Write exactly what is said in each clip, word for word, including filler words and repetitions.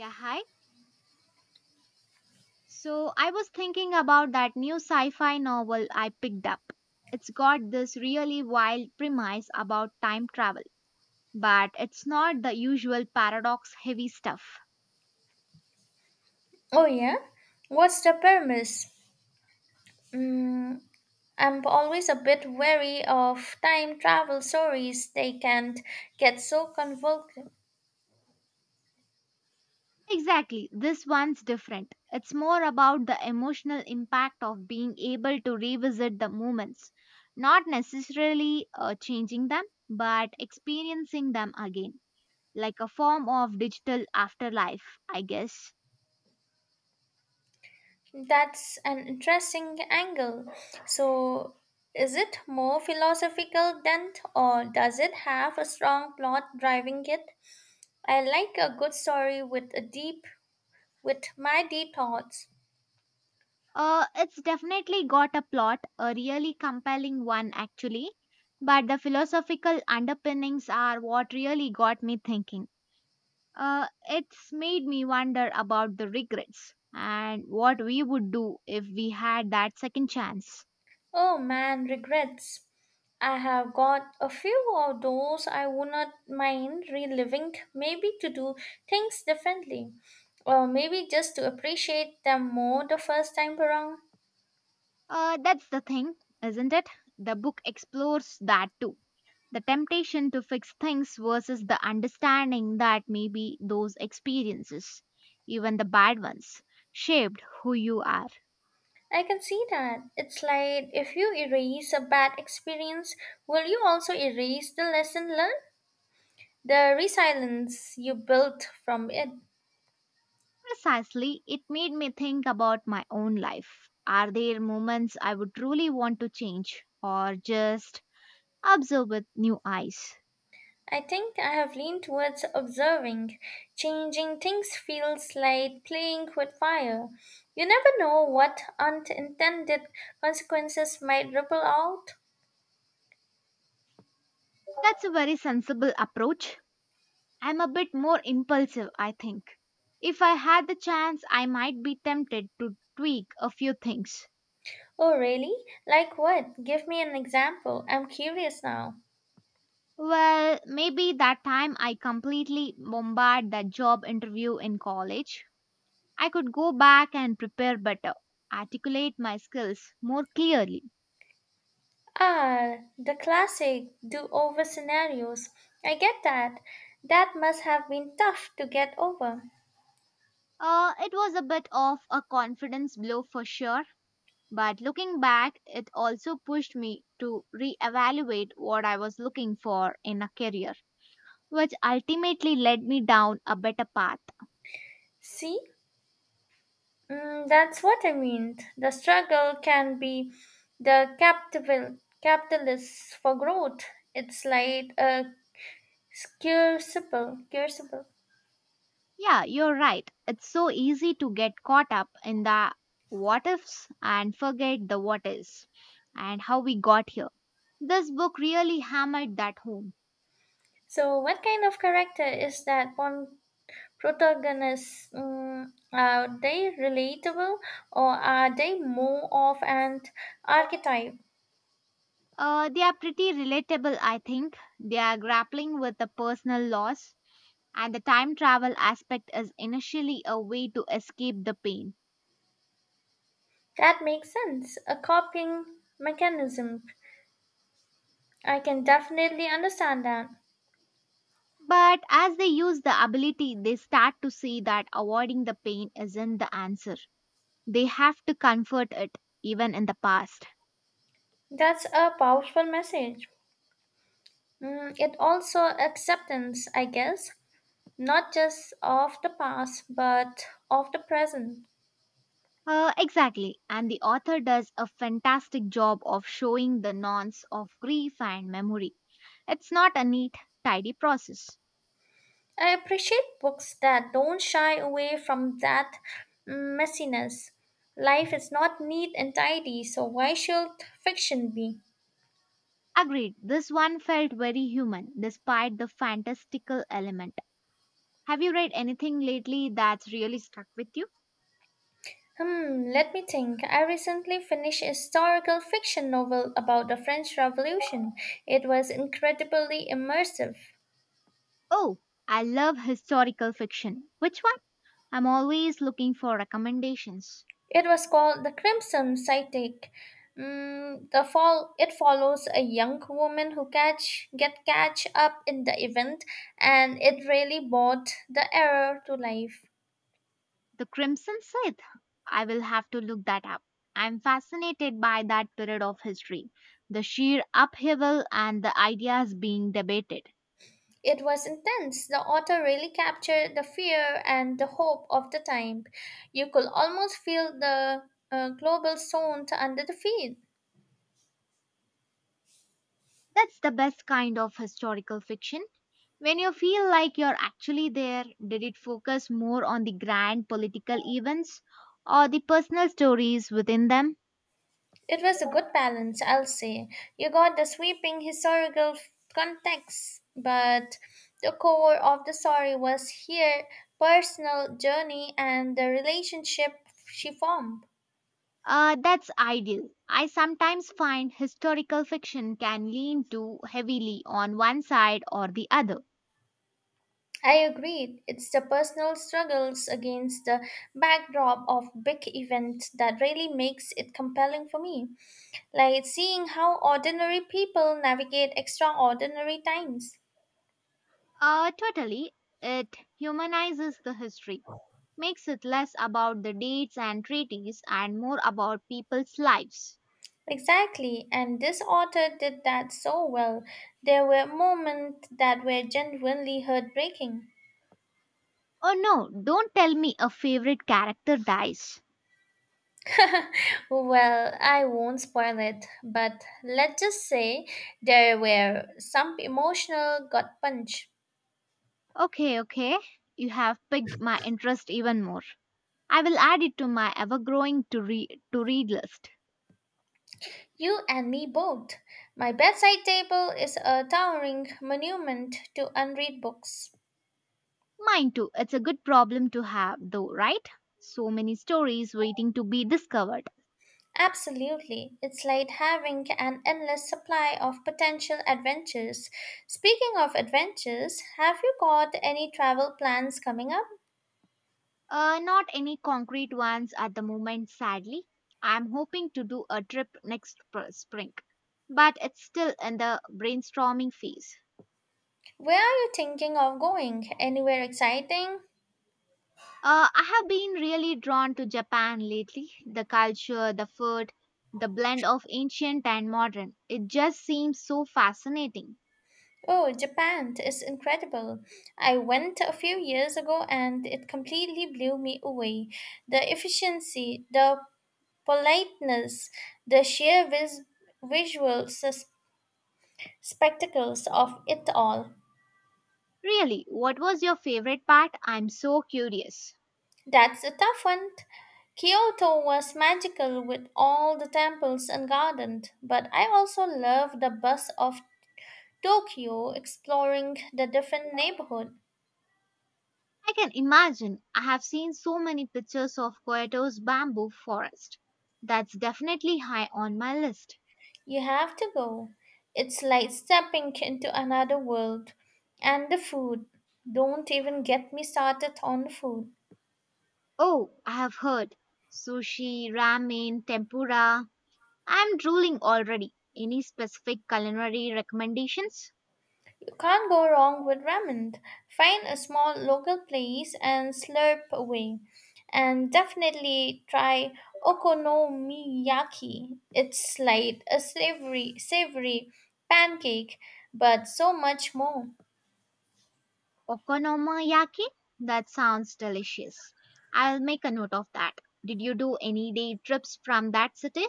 Yeah, hi. So I was thinking about that new sci fi novel I picked up. It's got this really wild premise about time travel, but it's not the usual paradox heavy stuff. Oh, yeah? What's the premise? Mm, I'm always a bit wary of time travel stories. They can get so convoluted. Exactly, this one's different. It's more about the emotional impact of being able to revisit the moments, not necessarily uh, changing them, but experiencing them again, like a form of digital afterlife, I guess. That's an interesting angle. So, is it more philosophical than, or does it have a strong plot driving it? I like a good story with a deep, with mighty thoughts. Uh, it's definitely got a plot, a really compelling one actually, but the philosophical underpinnings are what really got me thinking. Uh, it's made me wonder about the regrets and what we would do if we had that second chance. Oh man, regrets. I have got a few of those I would not mind reliving, maybe to do things differently, or maybe just to appreciate them more the first time around. Uh, that's the thing, isn't it? The book explores that too. The temptation to fix things versus the understanding that maybe those experiences, even the bad ones, shaped who you are. I can see that. It's like if you erase a bad experience, will you also erase the lesson learned? The resilience you built from it. Precisely, it made me think about my own life. Are there moments I would truly want to change or just observe with new eyes? I think I have leaned towards observing. Changing things feels like playing with fire. You never know what unintended consequences might ripple out. That's a very sensible approach. I'm a bit more impulsive, I think. If I had the chance, I might be tempted to tweak a few things. Oh, really? Like what? Give me an example. I'm curious now. Well, maybe that time I completely bombarded that job interview in college. I could go back and prepare better, articulate my skills more clearly. Ah, the classic do over scenarios. I get that. That must have been tough to get over. Uh, it was a bit of a confidence blow for sure, but looking back, it also pushed me to reevaluate what I was looking for in a career, which ultimately led me down a better path. See, Mm, that's what I mean. The struggle can be the capital capitalist for growth. It's like a crucible, crucible. Yeah, you're right. It's so easy to get caught up in the what ifs and forget the what is and how we got here. This book really hammered that home. So, what kind of character is that one protagonist? Mm, are they relatable, or are they more of an archetype? Uh, they are pretty relatable, I think. They are grappling with a personal loss and the time travel aspect is initially a way to escape the pain. That makes sense. A coping mechanism. I can definitely understand that. But as they use the ability, they start to see that avoiding the pain isn't the answer. They have to comfort it, even in the past. That's a powerful message. Mm, it also acceptance, I guess, not just of the past, but of the present. Uh, exactly, and the author does a fantastic job of showing the nonce of grief and memory. It's not a neat, tidy process. I appreciate books that don't shy away from that messiness. Life is not neat and tidy, so why should fiction be? Agreed, this one felt very human despite the fantastical element. Have you read anything lately that's really stuck with you? Hmm, let me think. I recently finished a historical fiction novel about the French Revolution. It was incredibly immersive. Oh, I love historical fiction. Which one? I'm always looking for recommendations. It was called the Crimson Psychic. Mm, the fall it follows a young woman who catch get catch up in the event, and it really brought the error to life. The Crimson Sith. I will have to look that up. I'm fascinated by that period of history, the sheer upheaval and the ideas being debated. It was intense. The author really captured the fear and the hope of the time. You could almost feel the uh, global sound under the feet. That's the best kind of historical fiction. When you feel like you're actually there, did it focus more on the grand political events or the personal stories within them? It was a good balance, I'll say. You got the sweeping historical f- context, but the core of the story was her personal journey and the relationship she formed. Uh, that's ideal. I sometimes find historical fiction can lean too heavily on one side or the other. I agreed. It's the personal struggles against the backdrop of big events that really makes it compelling for me. Like seeing how ordinary people navigate extraordinary times. Uh, totally. It humanizes the history, makes it less about the dates and treaties and more about people's lives. Exactly, and this author did that so well. There were moments that were genuinely heartbreaking. Oh no, don't tell me a favorite character dies. Well, I won't spoil it, but let's just say there were some emotional gut punch. Okay, okay. You have piqued my interest even more. I will add it to my ever growing to, read to read list. You and me both. My bedside table is a towering monument to unread books. Mine too. It's a good problem to have, though, right? So many stories waiting to be discovered. Absolutely. It's like having an endless supply of potential adventures. Speaking of adventures, have you got any travel plans coming up? Uh, not any concrete ones at the moment, sadly. I'm hoping to do a trip next pr- spring, but it's still in the brainstorming phase. Where are you thinking of going? Anywhere exciting? Uh, I have been really drawn to Japan lately. The culture, the food, the blend of ancient and modern. It just seems so fascinating. Oh, Japan is incredible. I went a few years ago and it completely blew me away. The efficiency, the politeness, the sheer vis- visual sus- spectacles of it all. Really, what was your favorite part? I'm so curious. That's a tough one. Kyoto was magical with all the temples and gardens, but I also love the bus of Tokyo exploring the different neighborhood. I can imagine. I have seen so many pictures of Kyoto's bamboo forest. That's definitely high on my list. You have to go. It's like stepping into another world. And the food. Don't even get me started on the food. Oh, I have heard sushi, ramen, tempura. I'm drooling already. Any specific culinary recommendations? Can't go wrong with ramen. Find a small local place and slurp away. And definitely try okonomiyaki. It's like a savory, savory pancake, but so much more. Okonomiyaki? That sounds delicious. I'll make a note of that. Did you do any day trips from that city?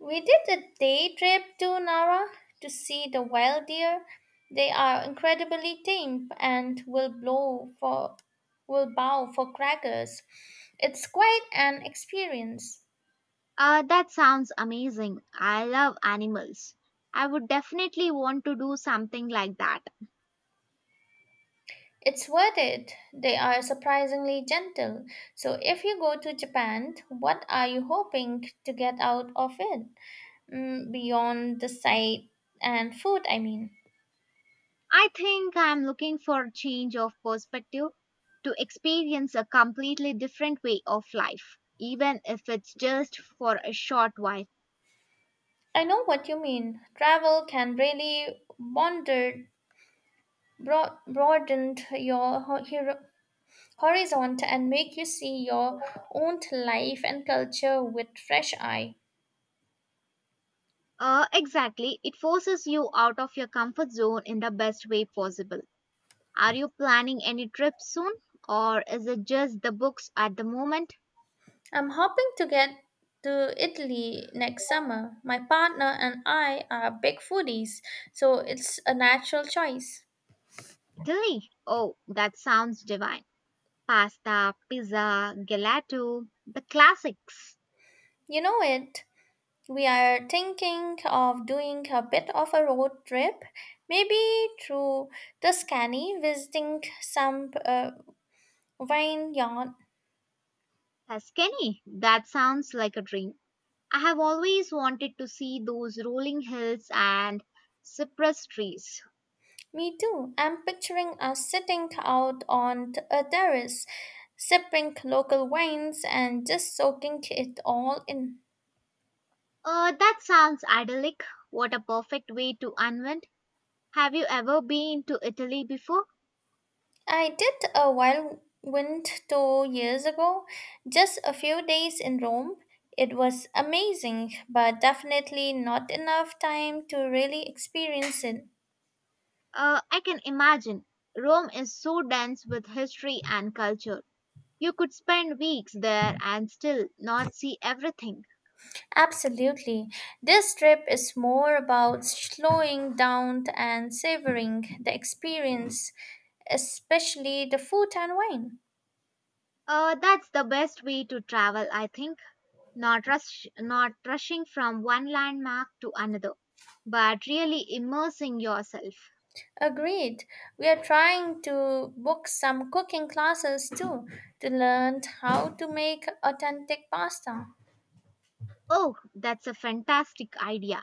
We did a day trip to Nara to see the wild deer. They are incredibly tame and will blow for will bow for crackers. It's quite an experience. Uh, that sounds amazing. I love animals. I would definitely want to do something like that. It's worth it. They are surprisingly gentle. So, if you go to Japan, what are you hoping to get out of it? Mm, beyond the sight and food, I mean. I think I'm looking for a change of perspective to experience a completely different way of life, even if it's just for a short while. I know what you mean. Travel can really wander, broad, broaden your ho- hero, horizon and make you see your own life and culture with fresh eye. Uh, exactly. It forces you out of your comfort zone in the best way possible. Are you planning any trips soon, or is it just the books at the moment? I'm hoping to get to Italy next summer. My partner and I are big foodies, so it's a natural choice. Italy? Oh, that sounds divine. Pasta, pizza, gelato, the classics. You know it. We are thinking of doing a bit of a road trip, maybe through Tuscany, visiting some uh, vineyard. Tuscany, that sounds like a dream. I have always wanted to see those rolling hills and cypress trees. Me too. I'm picturing us sitting out on t- a terrace, sipping local wines and just soaking it all in. Uh, that sounds idyllic. What a perfect way to unwind. Have you ever been to Italy before? I did a whirlwind tour years ago, just a few days in Rome. It was amazing, but definitely not enough time to really experience it. Uh, I can imagine. Rome is so dense with history and culture. You could spend weeks there and still not see everything. Absolutely. This trip is more about slowing down and savoring the experience, especially the food and wine. Uh, that's the best way to travel, I think. Not rush not rushing from one landmark to another but really immersing yourself. Agreed. We are trying to book some cooking classes too to learn how to make authentic pasta. Oh, that's a fantastic idea.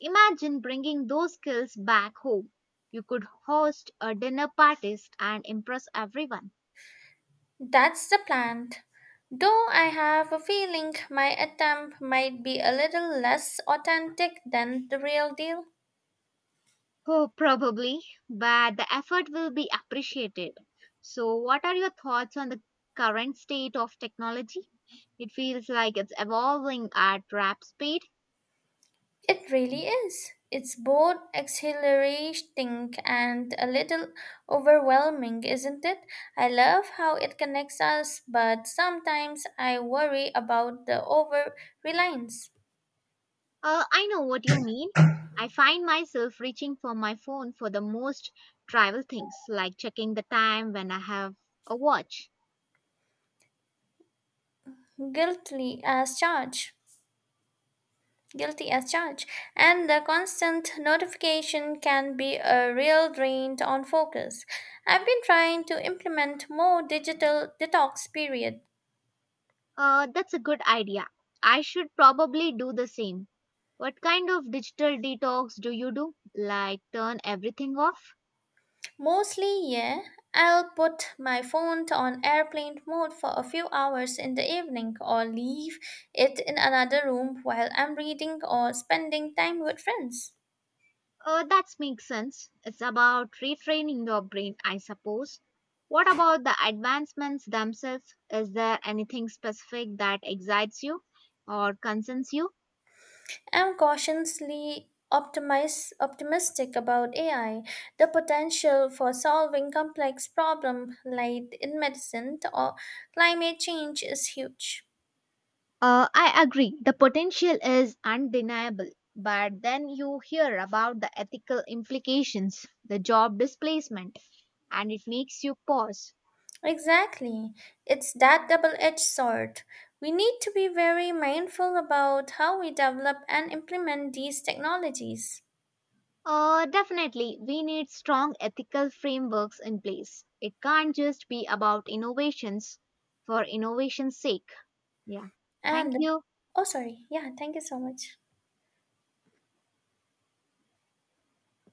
Imagine bringing those skills back home. You could host a dinner party and impress everyone. That's the plan. Though I have a feeling my attempt might be a little less authentic than the real deal. Oh, probably, but the effort will be appreciated. So what are your thoughts on the current state of technology? It feels like it's evolving at rap speed. It really is. It's both exhilarating and a little overwhelming, isn't it? I love how it connects us, but sometimes I worry about the over reliance, Uh, I know what you mean. I find myself reaching for my phone for the most trivial things, like checking the time when I have a watch. guilty as charged. guilty as charged, and the constant notification can be a real drain on focus. I've been trying to implement more digital detox period. Uh, that's a good idea. I should probably do the same. What kind of digital detox do you do? Like turn everything off? Mostly, yeah, I'll put my phone on airplane mode for a few hours in the evening or leave it in another room while I'm reading or spending time with friends. Uh, that makes sense. It's about retraining your brain, I suppose. What about the advancements themselves? Is there anything specific that excites you or concerns you? I'm cautiously optimis- optimistic about A I. The potential for solving complex problems like in medicine or climate change is huge. Uh, I agree. The potential is undeniable. But then you hear about the ethical implications, the job displacement, and it makes you pause. Exactly. It's that double edged sword. We need to be very mindful about how we develop and implement these technologies. Uh, definitely, we need strong ethical frameworks in place. It can't just be about innovations for innovation's sake. Yeah. Thank And, you. oh, sorry. Yeah, thank you so much.